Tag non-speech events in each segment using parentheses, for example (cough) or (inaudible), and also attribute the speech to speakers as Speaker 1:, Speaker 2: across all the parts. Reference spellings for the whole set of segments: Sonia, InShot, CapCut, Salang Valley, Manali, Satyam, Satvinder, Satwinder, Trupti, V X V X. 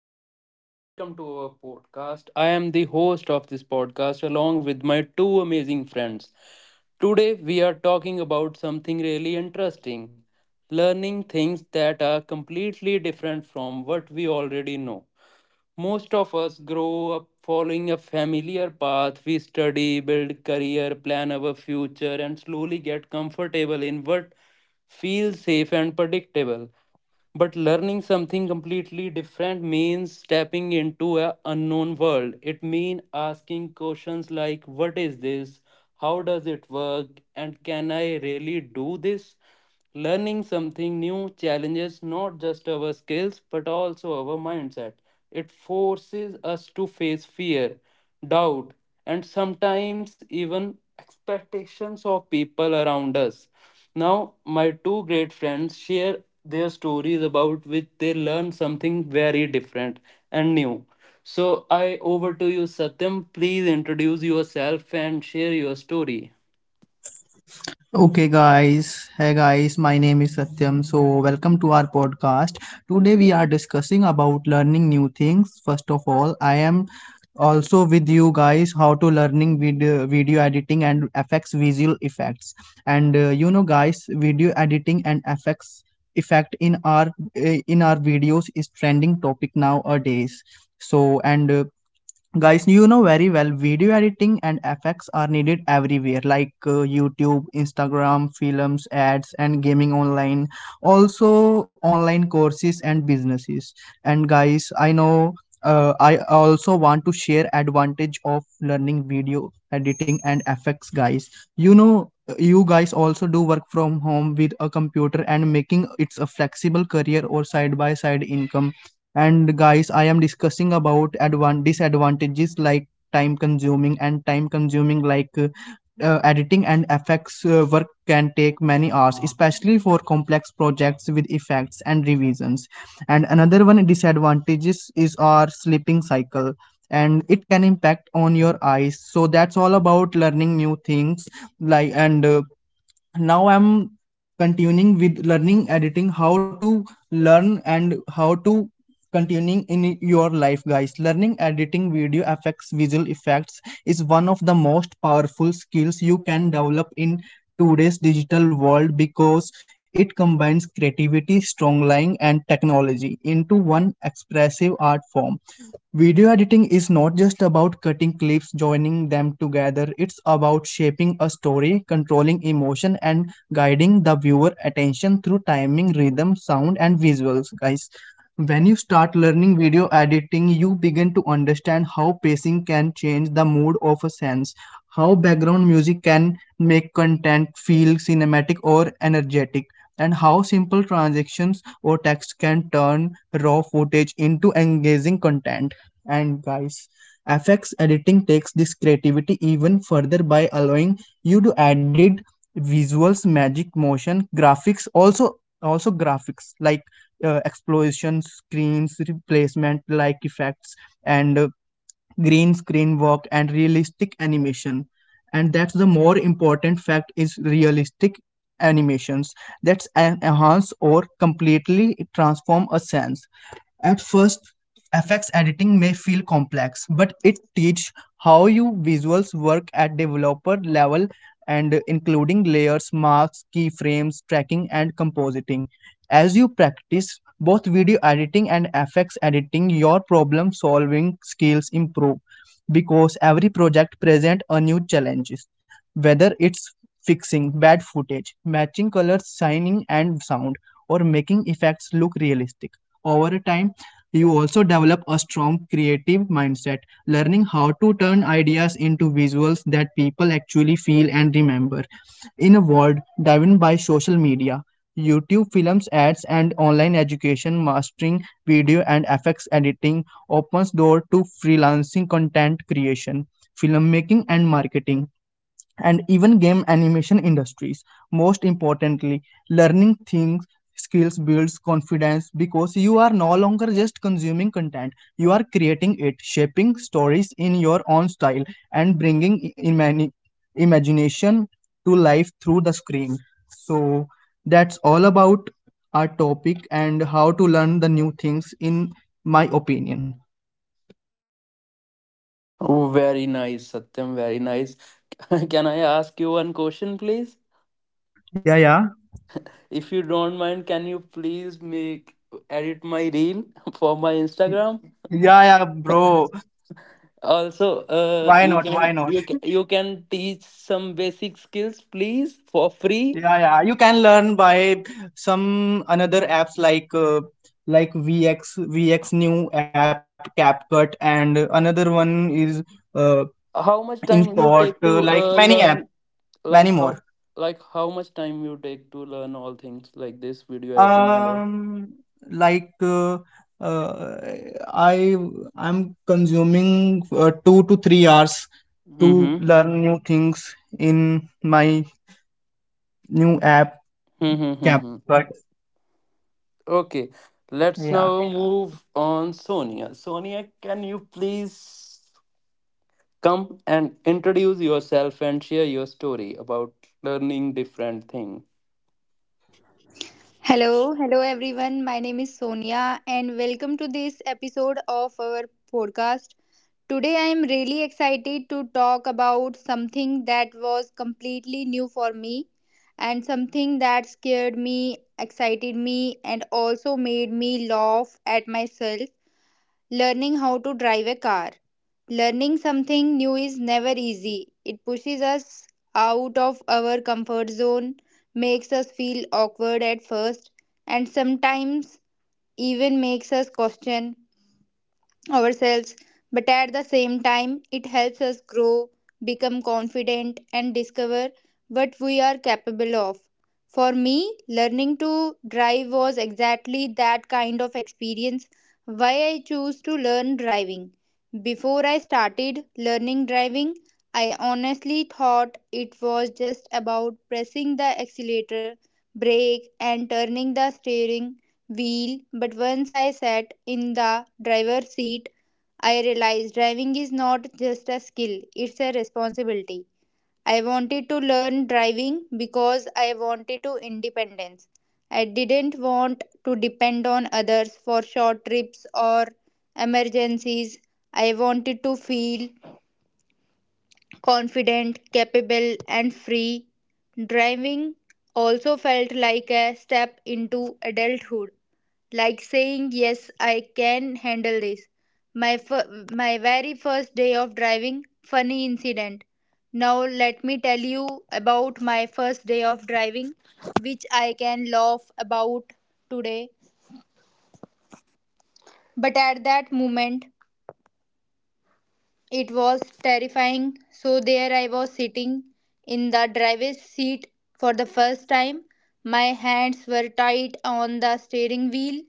Speaker 1: Satwinder and welcome to our podcast. I am the host of this podcast along with my two amazing friends. Today we are talking about something really interesting: learning things that are completely different from what we already know. Most of us grow up following a familiar path. We study, build career, plan our future, and slowly get comfortable in what feels safe and predictable. But learning something completely different means stepping into an unknown world. It means asking questions like, what is this? How does it work? And can I really do this? Learning something new challenges not just our skills but also our mindset. It forces us to face fear, doubt, and sometimes even expectations of people around us. Now, my two great friends share their stories about which they learned something very different and new. So, I over to you, Satyam. Please introduce yourself and share your story.
Speaker 2: Okay, guys. Hey, guys. My name is Satyam. So, welcome to our podcast. Today, we are discussing about learning new things. First of all, I am also with you guys how to learning video editing and effects visual effects. Guys, video editing and effects effect in our videos is trending topic nowadays. So, and guys you know very well video editing and effects are needed everywhere like youtube, instagram, films, ads and gaming, online, also online courses and businesses. And guys, I know I also want to share advantage of learning video editing and effects, guys. You know, you guys also do work from home with a computer, and making it's a flexible career or side by side income. And guys, I am discussing about disadvantages like time consuming, and time consuming like editing and effects work can take many hours, especially for complex projects with effects and revisions. And another one disadvantages is our sleeping cycle, and it can impact on your eyes. So that's all about learning new things, like and now I'm continuing with learning editing. How to learn and how to continuing in your life, guys. Learning editing, video effects, visual effects is one of the most powerful skills you can develop in today's digital world, because it combines creativity, strong line and technology into one expressive art form. Video editing is not just about cutting clips, joining them together, it's about shaping a story, controlling emotion, and guiding the viewer attention through timing, rhythm, sound, and visuals. Guys, when you start learning video editing, you begin to understand how pacing can change the mood of a sense, how background music can make content feel cinematic or energetic, and how simple transactions or text can turn raw footage into engaging content. And guys, FX editing takes this creativity even further by allowing you to added visuals, magic, motion, graphics, also also graphics like explosion, screens, replacement, like effects, and green screen work and realistic animation. And that's the more important fact is realistic animations that's enhance or completely transform a sense. At first, FX editing may feel complex, but it teaches how you visuals work at developer level, and including layers, marks, keyframes, tracking and compositing. As you practice both video editing and FX editing, your problem solving skills improve because every project presents a new challenges, whether it's fixing bad footage, matching colors, signing and sound, or making effects look realistic. Over time, you also develop a strong creative mindset, learning how to turn ideas into visuals that people actually feel and remember. In a world driven by social media, YouTube films, ads, and online education, mastering video and effects editing opens door to freelancing, content creation, filmmaking, and marketing and even game animation industries. Most importantly, learning things skills builds confidence because you are no longer just consuming content, you are creating it, shaping stories in your own style and bringing imagination to life through the screen. So that's all about our topic and how to learn the new things in my opinion.
Speaker 1: Oh, very nice, Satyam, very nice. (laughs) Can I ask you one question, please?
Speaker 2: Yeah, yeah.
Speaker 1: If you don't mind, can you please make edit my reel (laughs) for my Instagram?
Speaker 2: Yeah, yeah, bro.
Speaker 1: (laughs) Also,
Speaker 2: Why
Speaker 1: you
Speaker 2: not,
Speaker 1: can
Speaker 2: why not.
Speaker 1: you can, you can teach some basic skills, please, for free.
Speaker 2: Yeah, yeah. You can learn by some another apps like VX VX, new app CapCut, and another one is uh,
Speaker 1: How much time you
Speaker 2: InShot,
Speaker 1: take to
Speaker 2: like many apps,
Speaker 1: learn?
Speaker 2: many
Speaker 1: Like how
Speaker 2: more.
Speaker 1: like how much time you take to learn all things like this video editing and all?
Speaker 2: Um, like uh, uh, I I'm consuming 2 to 3 hours to learn new things in my new app
Speaker 1: Mm-hmm. (laughs)
Speaker 2: CapCut.
Speaker 1: Okay, let's
Speaker 2: Yeah.
Speaker 1: now move on Sonia. Sonia, can you please come and introduce yourself and share your story about learning different thing?
Speaker 3: Hello, hello everyone. My name is Sonia and welcome to this episode of our podcast. Today I am really excited to talk about something that was completely new for me and something that scared me, excited me and also made me laugh at myself learning how to drive a car. Learning something new is never easy. It pushes us out of our comfort zone, makes us feel awkward at first, and sometimes even makes us question ourselves, but at the same time, it helps us grow, become confident, and discover what we are capable of. For me, learning to drive was exactly that kind of experience why I chose to learn driving. Before I started learning driving, I honestly thought it was just about pressing the accelerator, brake, and turning the steering wheel, but once I sat in the driver's seat, I realized driving is not just a skill, it's a responsibility. I wanted to learn driving because I wanted to independence. I didn't want to depend on others for short trips or emergencies. I wanted to feel confident, capable, and free. Driving also felt like a step into adulthood, like saying, Yes, I can handle this. My very first day of driving, funny incident. Now, let me tell you about my first day of driving, which I can laugh about today. But at that moment, it was terrifying. So there I was sitting in the driver's seat for the first time. My hands were tight on the steering wheel,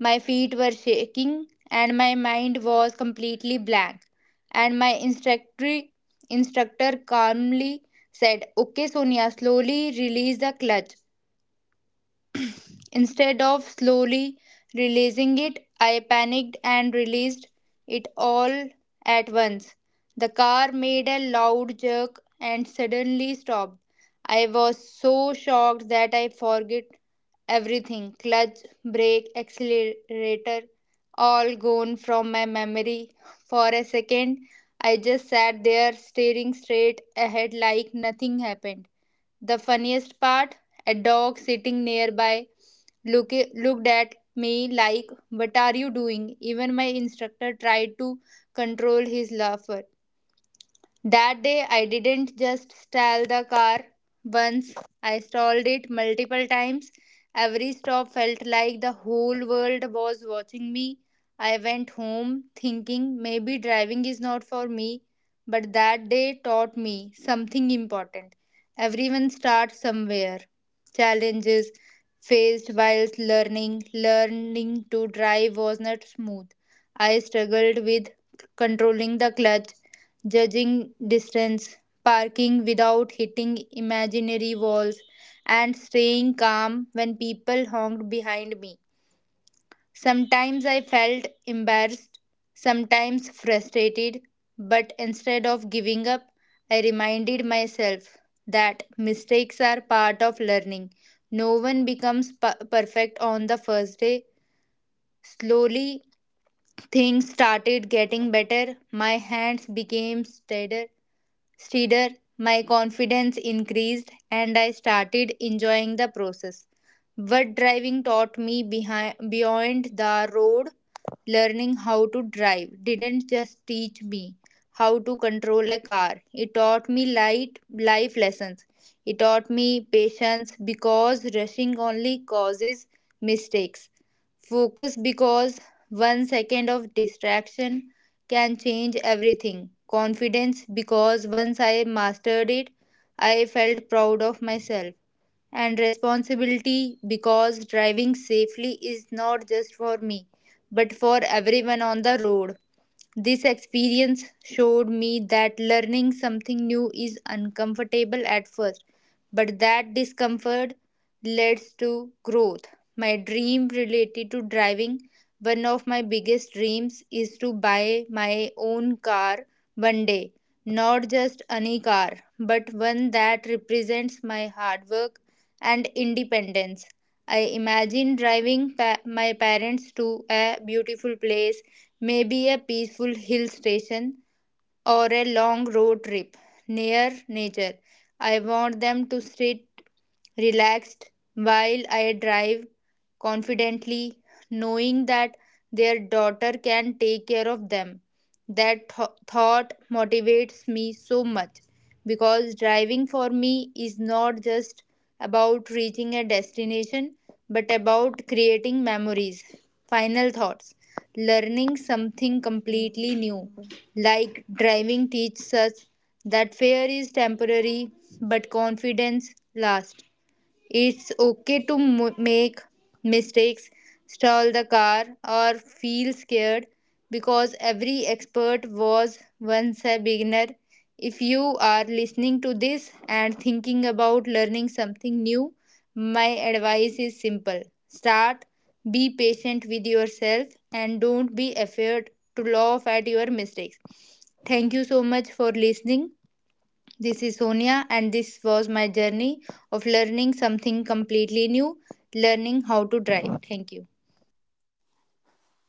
Speaker 3: my feet were shaking, and my mind was completely blank. And my instructor calmly said, Okay, Sonia, slowly release the clutch. Instead of slowly releasing it, I panicked and released it all at once. The car made a loud jerk and suddenly stopped. I was so shocked that I forgot everything clutch, brake, accelerator, all gone from my memory. For a second, I just sat there staring straight ahead like nothing happened. The funniest part a dog sitting nearby looked at me like, What are you doing? Even my instructor tried to control his laughter. That day, I didn't just stall the car once, I stalled it multiple times. Every stop felt like the whole world was watching me. I went home thinking maybe driving is not for me, but that day taught me something important. Everyone starts somewhere. Challenges faced while learning, learning to drive was not smooth. I struggled with controlling the clutch judging distance, parking without hitting imaginary walls, and staying calm when people honked behind me. Sometimes I felt embarrassed, sometimes frustrated, but instead of giving up, I reminded myself that mistakes are part of learning. No one becomes perfect on the first day. Slowly, things started getting better. My hands became steadier, my confidence increased and I started enjoying the process. What driving taught me beyond the road, learning how to drive didn't just teach me how to control a car, it taught me light life lessons. It taught me patience because rushing only causes mistakes. Focus because one second of distraction can change everything. Confidence, because once I mastered it, I felt proud of myself. And responsibility, because driving safely is not just for me, but for everyone on the road. This experience showed me that learning something new is uncomfortable at first, but that discomfort leads to growth. My dream related to driving, one of my biggest dreams is to buy my own car one day. Not just any car, but one that represents my hard work and independence. I imagine driving my parents to a beautiful place maybe a peaceful hill station or a long road trip near nature. I want them to sit relaxed while I drive confidently, knowing that their daughter can take care of them. That thought motivates me so much because driving for me is not just about reaching a destination, but about creating memories. Final thoughts learning something completely new, like driving, teaches us that fear is temporary, but confidence lasts. It's okay to make mistakes, stall the car, or feel scared because every expert was once a beginner. If you are listening to this and thinking about learning something new, my advice is simple start, be patient with yourself, and don't be afraid to laugh at your mistakes. Thank you so much for listening. This is Sonia, and this was my journey of learning something completely new, learning how to drive. Thank you.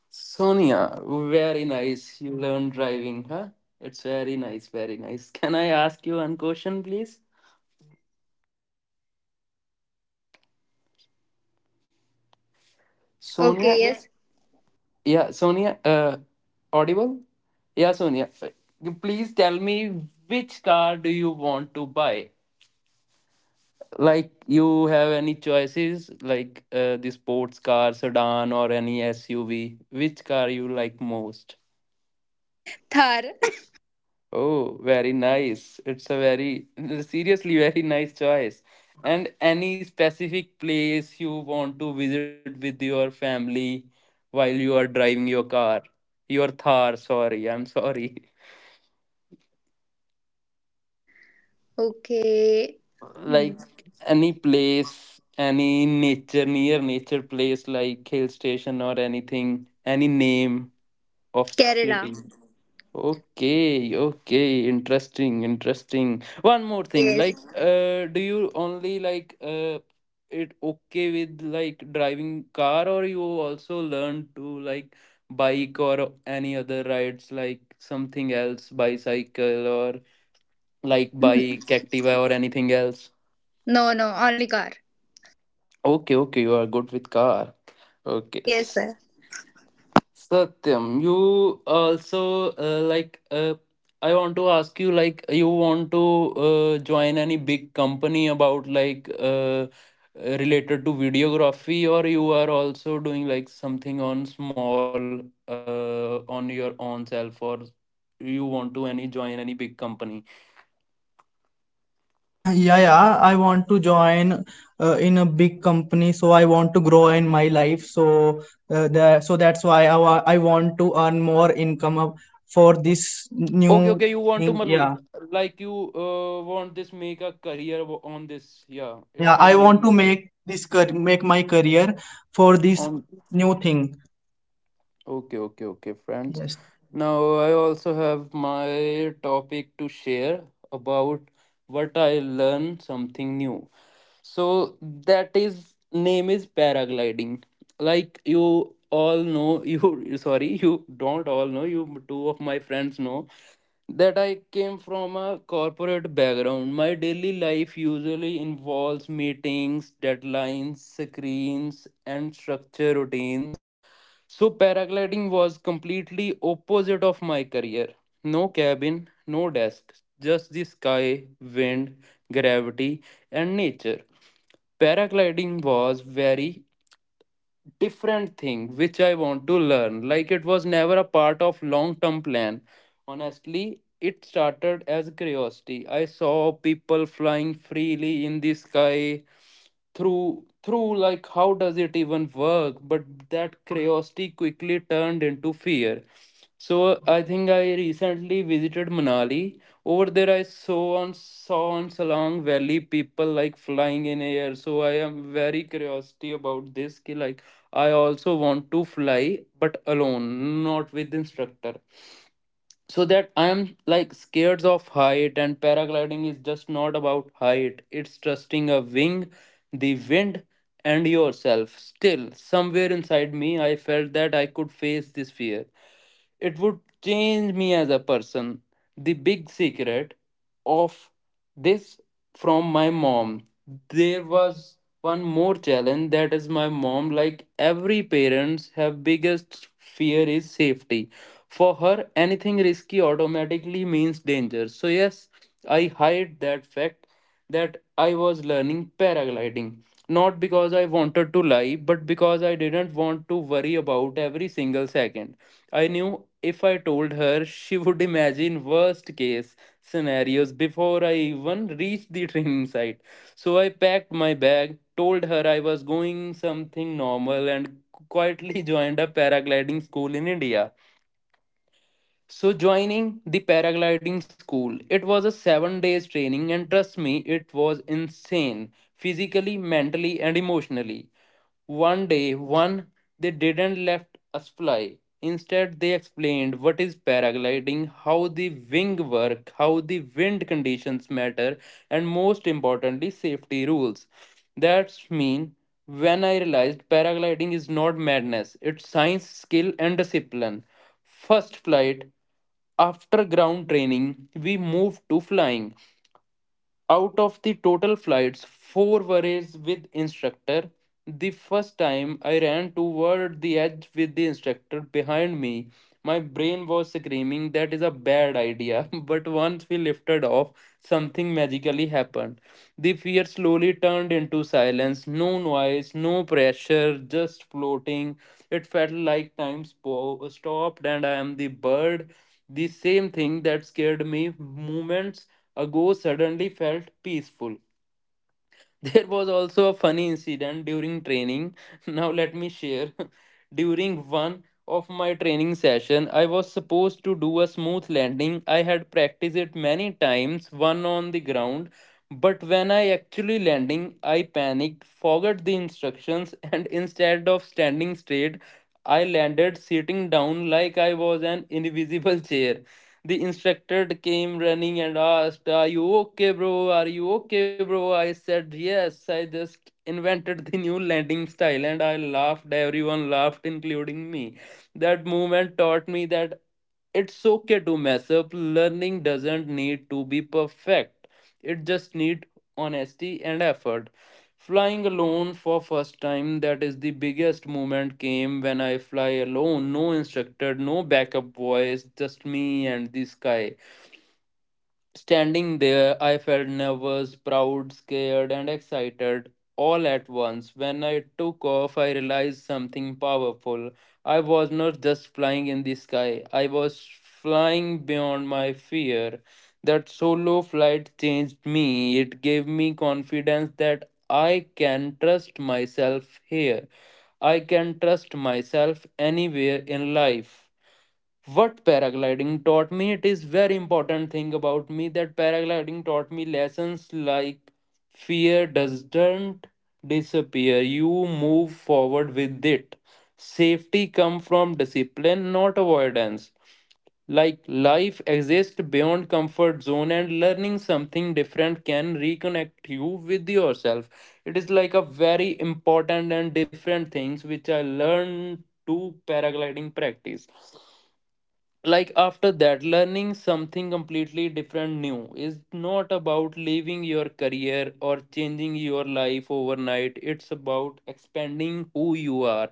Speaker 1: Sonia, very nice. You learn driving, huh? It's very nice, very nice. (laughs) Can I ask you one question, please? Sonia?
Speaker 3: Okay, yes.
Speaker 1: Yeah, Sonia, audible? Yeah, Sonia, please tell me, which car do you want to buy? Like, you have any choices like, the sports car, sedan, or any SUV? Which car you like most?
Speaker 3: Thar.
Speaker 1: Oh, very nice. It's a very (laughs) seriously very nice choice. And any specific place you want to visit with your family while you are driving your car? Your Thar, sorry, I'm sorry.
Speaker 3: Okay.
Speaker 1: Like any place, any nature, near nature place like hill station or anything, any name of city.
Speaker 3: Kerala.
Speaker 1: Okay, okay. Interesting, interesting. One more thing,
Speaker 3: Yes.
Speaker 1: like, do you only like, it okay with like driving car, or you also learn to like bike or any other rides, like something else, bicycle, or like bike activa or anything else?
Speaker 3: No, no, only car.
Speaker 1: Okay, okay, you are good with car. Okay.
Speaker 3: Yes, sir.
Speaker 1: Satyam, you also, I want to ask you, like, you want to join any big company about, like, related to videography, or you are also doing like something on small, on your own self, or you want to any join any big company?
Speaker 2: (coughs) Yeah, yeah, I want to join in a big company, so I want to grow in my life. So that's why I want to earn more income of, for this
Speaker 1: Okay,
Speaker 2: new
Speaker 1: okay, you want to
Speaker 2: thing. Yeah,
Speaker 1: like you want this make a career on this. Yeah, it's
Speaker 2: yeah,
Speaker 1: your
Speaker 2: I
Speaker 1: main
Speaker 2: want to
Speaker 1: motive
Speaker 2: make make my career for this
Speaker 1: on.
Speaker 2: new thing.
Speaker 1: Okay, okay, okay, friends.
Speaker 2: Yes.
Speaker 1: Now I also have my topic to share about what I learn something new. So that is name is paragliding. Like you all know, you (laughs) sorry, you don't all know, you two of my friends know that I came from a corporate background. My daily life usually involves meetings, deadlines, screens, and structure routines. So paragliding was completely opposite of my career. No cabin, no desk, just the sky, wind, gravity, and nature. Paragliding was very different thing which I want to learn. Like, it was never a part of long term plan. Honestly, it started as curiosity. I saw people flying freely in the sky, through like, how does it even work? But that curiosity quickly turned into fear. So I think I recently visited Manali. Over there, I saw on Salang Valley people like flying in air. So I am very curiosity about this. Ki, like, I also want to fly, but alone, not with instructor, so that I am like scared of height. And paragliding is just not about height, it's trusting a wing, the wind, and yourself. Still, somewhere inside me, I felt that I could face this fear. It would change me as a person. The big secret of this from my mom. There was one more challenge, that is my mom. Like, every parents have biggest fear is safety. For her anything risky automatically means danger. So yes, I hide that fact that I was learning paragliding, not because I wanted to lie, but because I didn't want to worry about every single second. I knew if I told her, she would (laughs) imagine worst case scenarios before I even reached the training (laughs) site. So I packed my bag, told her I was going something normal, and quietly (laughs) joined a paragliding school in India. So joining the paragliding school, it was a 7 days training, and trust me, it was insane physically, mentally and emotionally. One day, one they didn't let us fly. Instead, they explained what is paragliding, how the wing work, how the wind conditions matter, and most importantly, safety rules. That's mean when I realized paragliding is not madness, it's science, skill, and discipline. First flight. After ground training, we moved to flying. Out of the total flights, four were raised with instructor. The first time I ran toward the edge with the instructor behind me, my brain was screaming, that is a bad idea. (laughs) But once we lifted off, something magically happened. The fear slowly turned into silence: no noise, no pressure, just floating. It felt like time stopped and I am the bird. The same thing that scared me moments ago suddenly felt peaceful. (laughs) There was also a funny incident during training. (laughs) Now, let me share. (laughs) During one of my training session, I was supposed to do a smooth landing. I had practiced it many times, one on the ground. But when I actually landing, I panicked, forgot the instructions, (laughs) and instead of standing straight, I landed sitting down like I was an invisible (laughs) chair. The instructor came running and asked, are you okay, bro? Are you okay, bro? I said, yes, I just invented the new landing style, and I laughed. Everyone laughed, including me. That moment taught me that it's okay to mess up. Learning doesn't need to be perfect, it just needs honesty and effort. Flying alone for first time, that is the biggest moment came when I fly alone, no instructor, no backup voice, just me and the sky. Standing there, I felt nervous, proud, scared, and excited all at once. When I took off, I realized something powerful. I was not just flying in the sky, I was flying beyond my fear. That solo flight changed me. It gave me confidence that I can trust myself here. I can trust myself anywhere in life. What paragliding taught me, it is very important thing about me, that paragliding taught me lessons like: fear doesn't disappear, you move forward with it. Safety come from discipline, not avoidance. Like, life exists beyond comfort zone, and learning something different can reconnect you with yourself. It is like a very important and different things which I learned to paragliding practice. Like, after that, learning something completely different new is not about leaving your career or changing your life overnight, it's about expanding who you are.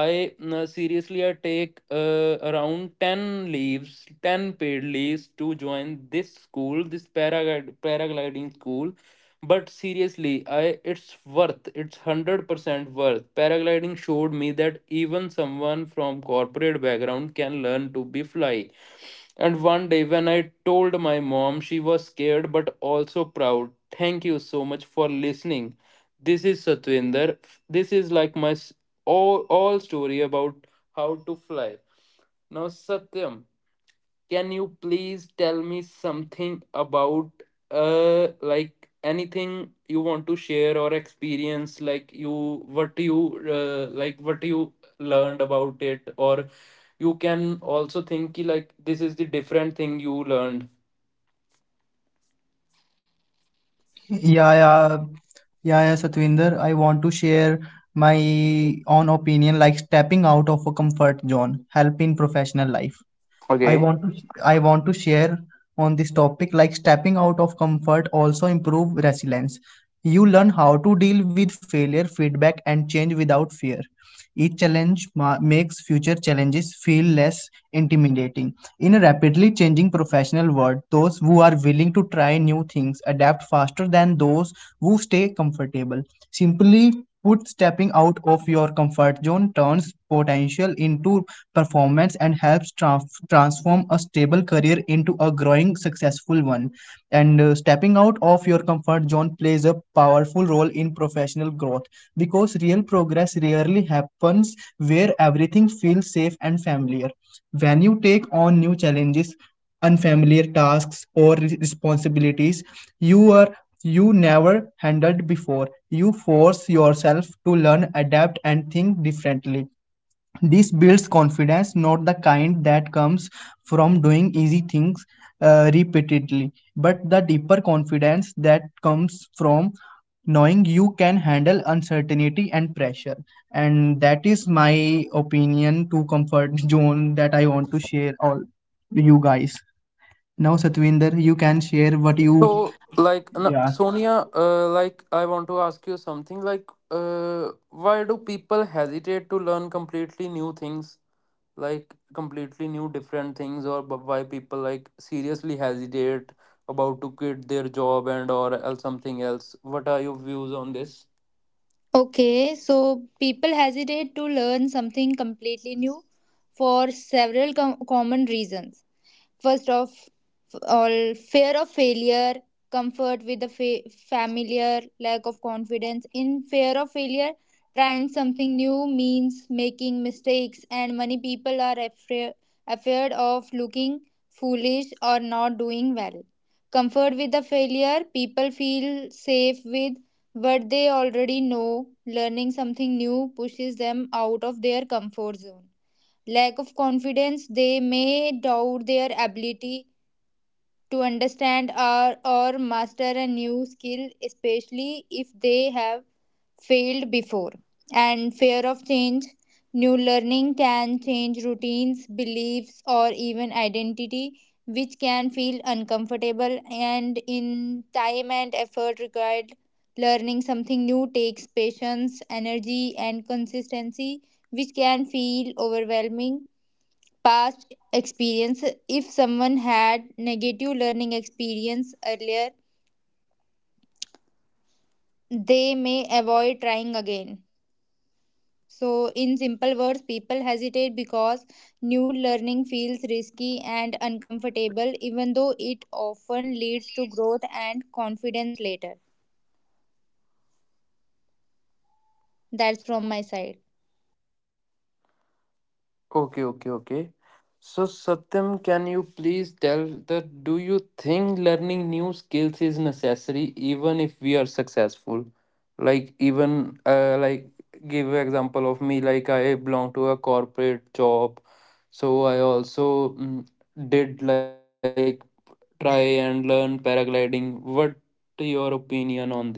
Speaker 1: I, seriously, I take, around 10 leaves, 10 paid leaves, to join this school, this paragliding school. But seriously, I it's worth, it's 100% worth. Paragliding showed me that even someone from corporate background can learn to be fly. And one day when I told my mom, she was scared but also proud. Thank you so much for listening. This is Satwinder. This is like my all story about how to fly. Now Satyam, can you please tell me something about, like, anything you want to share or experience, like, you what you, like what you learned about it, or you can also think ki, like this is the different thing you learned?
Speaker 2: (laughs) Yeah, yeah, yeah. Yeah, Satvinder, I want to share my own opinion, like stepping out of a comfort zone help in professional life. I
Speaker 1: Okay,
Speaker 2: want to I want to share on this topic, like stepping out of comfort also improve resilience. You learn how to deal with failure, feedback and change without fear. Each makes future challenges feel less intimidating. In a rapidly changing professional world, those who are willing to try new things adapt faster than those who stay comfortable. Simply put, stepping out of your comfort zone turns potential into performance and helps transform a stable career into a growing successful one. And stepping out of your comfort zone plays a powerful role in professional growth because real progress rarely happens where everything feels safe and familiar. When you take on new challenges, unfamiliar tasks or responsibilities you are you never handled before, you force yourself to learn, adapt and think differently. This builds confidence, not the kind that comes from doing easy things repeatedly, but the deeper confidence that comes from knowing you can handle uncertainty and pressure. And that is my opinion to comfort (laughs) zone that I want to share all you guys. Now, Satvinder, you can share what
Speaker 1: so
Speaker 2: you.
Speaker 1: like, no,
Speaker 2: Yeah.
Speaker 1: Sonia, like, I want to ask you something, like, why do people hesitate to learn completely new things, like completely new different things, or, why people like seriously hesitate about to quit their job and or else something else, what are your views on this?
Speaker 3: Okay, so people hesitate to learn something completely new for several common reasons. First of all, fear of failure, comfort with the familiar, lack of confidence. In fear of failure, trying something new means making mistakes, and many people are afraid of looking foolish or not doing well. Comfort with the failure, people feel safe with what they already know. Learning something new pushes them out of their comfort zone lack of confidence they may doubt their ability to understand or master a new skill, especially if they have failed before, and fear of change. New learning can change routines, beliefs, or even identity, which can feel uncomfortable, and in time and effort required, learning something new takes patience, energy, and consistency, which can feel overwhelming. Past experience, if someone had negative learning experience earlier, they may avoid trying again. So in simple words, people hesitate because new learning feels risky and uncomfortable, even though it often leads to growth and confidence later. That's from my side.
Speaker 1: Okay, okay, okay. So, Satyam, can you please tell that, do you think learning new skills is necessary even if we are successful? Like, even, like, give an example of me. Like, I belong to a corporate job, so I also, did like try and learn paragliding. What your opinion on this?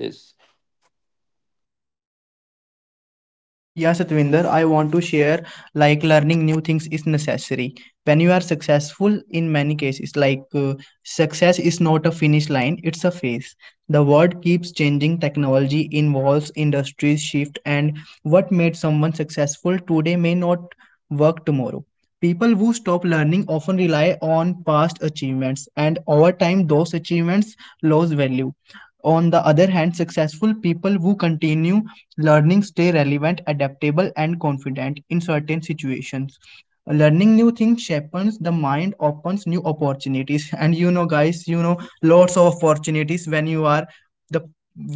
Speaker 2: Yeah, Satvinder, I want to share, like learning new things is necessary. When you are successful, in many cases, like success is not a finish line, it's a phase. The world keeps changing, technology involves, industries shift, and what made someone successful today may not work tomorrow. People who stop learning often rely on past achievements, and over time, those achievements lose value. On the other hand, successful people who continue learning stay relevant, adaptable and confident. In certain situations, learning new things sharpens the mind, opens new opportunities, (laughs) and you know guys, you know lots of opportunities when you are the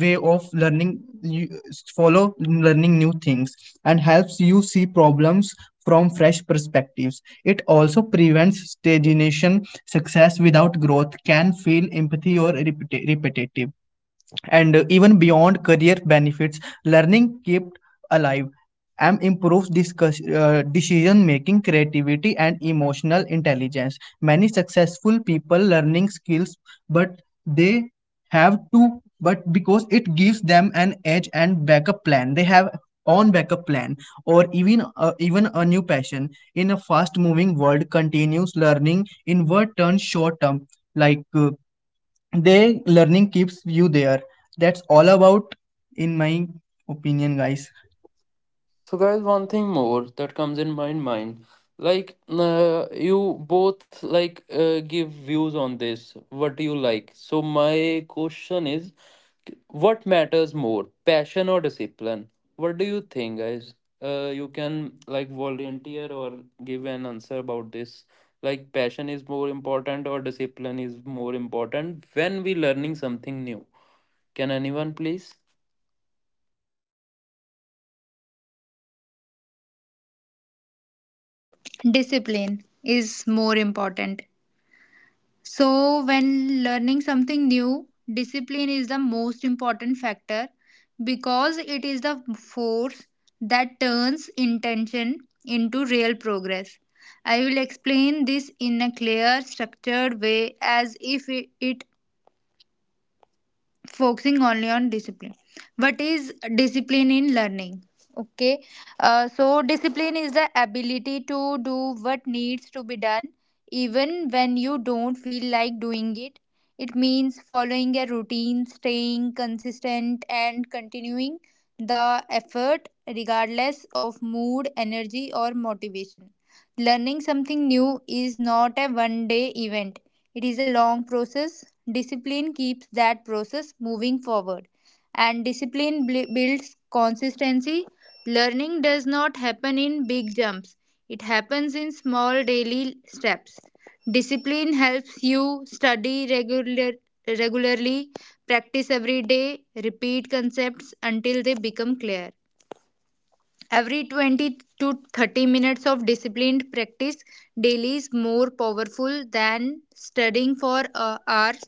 Speaker 2: way of learning you follow learning new things, and helps you see problems from fresh perspectives. It also prevents stagnation. Success without growth can feel empathy or repetitive. And even beyond career benefits, learning kept alive and improves decision making, creativity and emotional intelligence. Many successful people learning skills, but they have to, but because it gives them an edge and backup plan they have on backup plan, or even a new passion. In a fast moving world, continuous learning in word turns short term, like uh, they learning keeps you there. That's all about in my opinion, guys.
Speaker 1: So guys, one thing more that comes in my mind, like, you both like, give views on this. What do you like? So my question is, what matters more, passion or discipline? What do you think, guys? You can like volunteer or give an answer about this. Like, passion is more important or discipline is more important when we learning something new. Can anyone please?
Speaker 3: Discipline is more important. So, when learning something new, discipline is the most important factor because it is the force that turns intention into real progress. I will explain this in a clear, structured way as if it focusing only on discipline. What is discipline in learning? Okay, So discipline is the ability to do what needs to be done even when you don't feel like doing it. It means following a routine, staying consistent, and continuing the effort regardless of mood, energy, or motivation. Learning something new is not a one day event, it is a long process. Discipline keeps that process moving forward, and discipline builds consistency. Learning does not happen in big jumps, it happens in small daily steps. Discipline helps you study regularly, practice every day, repeat concepts until they become clear. Every 20 to 30 minutes of disciplined practice daily is more powerful than studying for hours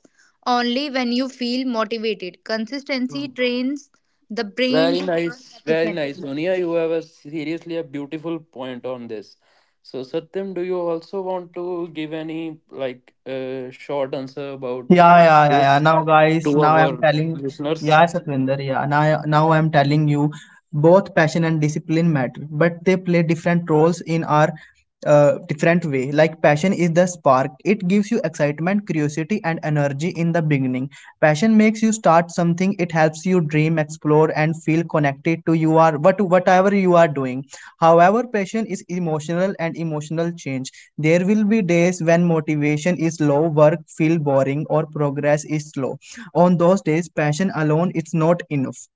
Speaker 3: only when you feel motivated. Consistency
Speaker 1: Mm.
Speaker 3: trains the brain
Speaker 1: Very
Speaker 3: to learn
Speaker 1: nice, very nice.
Speaker 3: efficiently.
Speaker 1: Sonia, you have a seriously a beautiful point on this. So Satyam, do you also want to give any like, short answer about
Speaker 2: Yeah yeah yeah, yeah.
Speaker 1: this
Speaker 2: now guys
Speaker 1: to
Speaker 2: now I'm
Speaker 1: our
Speaker 2: telling
Speaker 1: listeners?
Speaker 2: yeah Satvinder, yeah. Now I'm telling you, both passion and discipline matter, but they play different roles in our different way. Like passion is the spark, it gives you excitement, curiosity and energy in the beginning. Passion makes you start something, it helps you dream, explore and feel connected to you are what whatever you are doing. However, passion is emotional, and emotional change, there will be days when motivation is low, work feel boring or progress is slow. On those days, passion alone is not enough.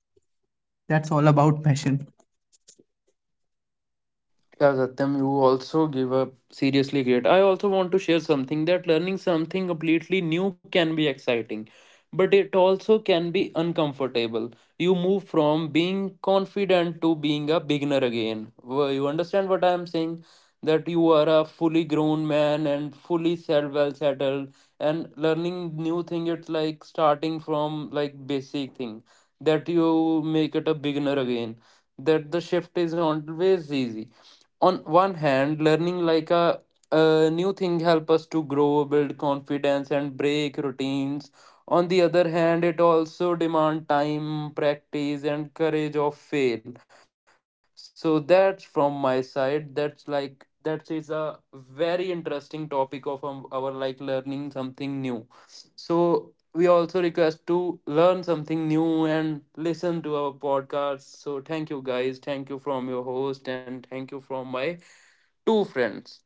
Speaker 2: That's all about passion.
Speaker 1: Yeah, Satyam, you also give up seriously great. I also want to share something, that learning something completely new can be exciting, but it also can be uncomfortable. You move from being confident to being a beginner again. Well, you understand what I am saying? That you are a fully grown man and fully well settled, and learning new thing. It's like starting from like basic thing. That you make it a beginner again. That the shift is always easy. On one hand, learning like a new thing help us to grow, build confidence and break routines. On the other hand, it also demand time, practice and courage of fail. So that's from my side. That's like, that is a very interesting topic of, our, like, learning something new. So we also request to learn something new and listen to our podcast. So thank you guys. Thank you from your host and thank you from my two friends.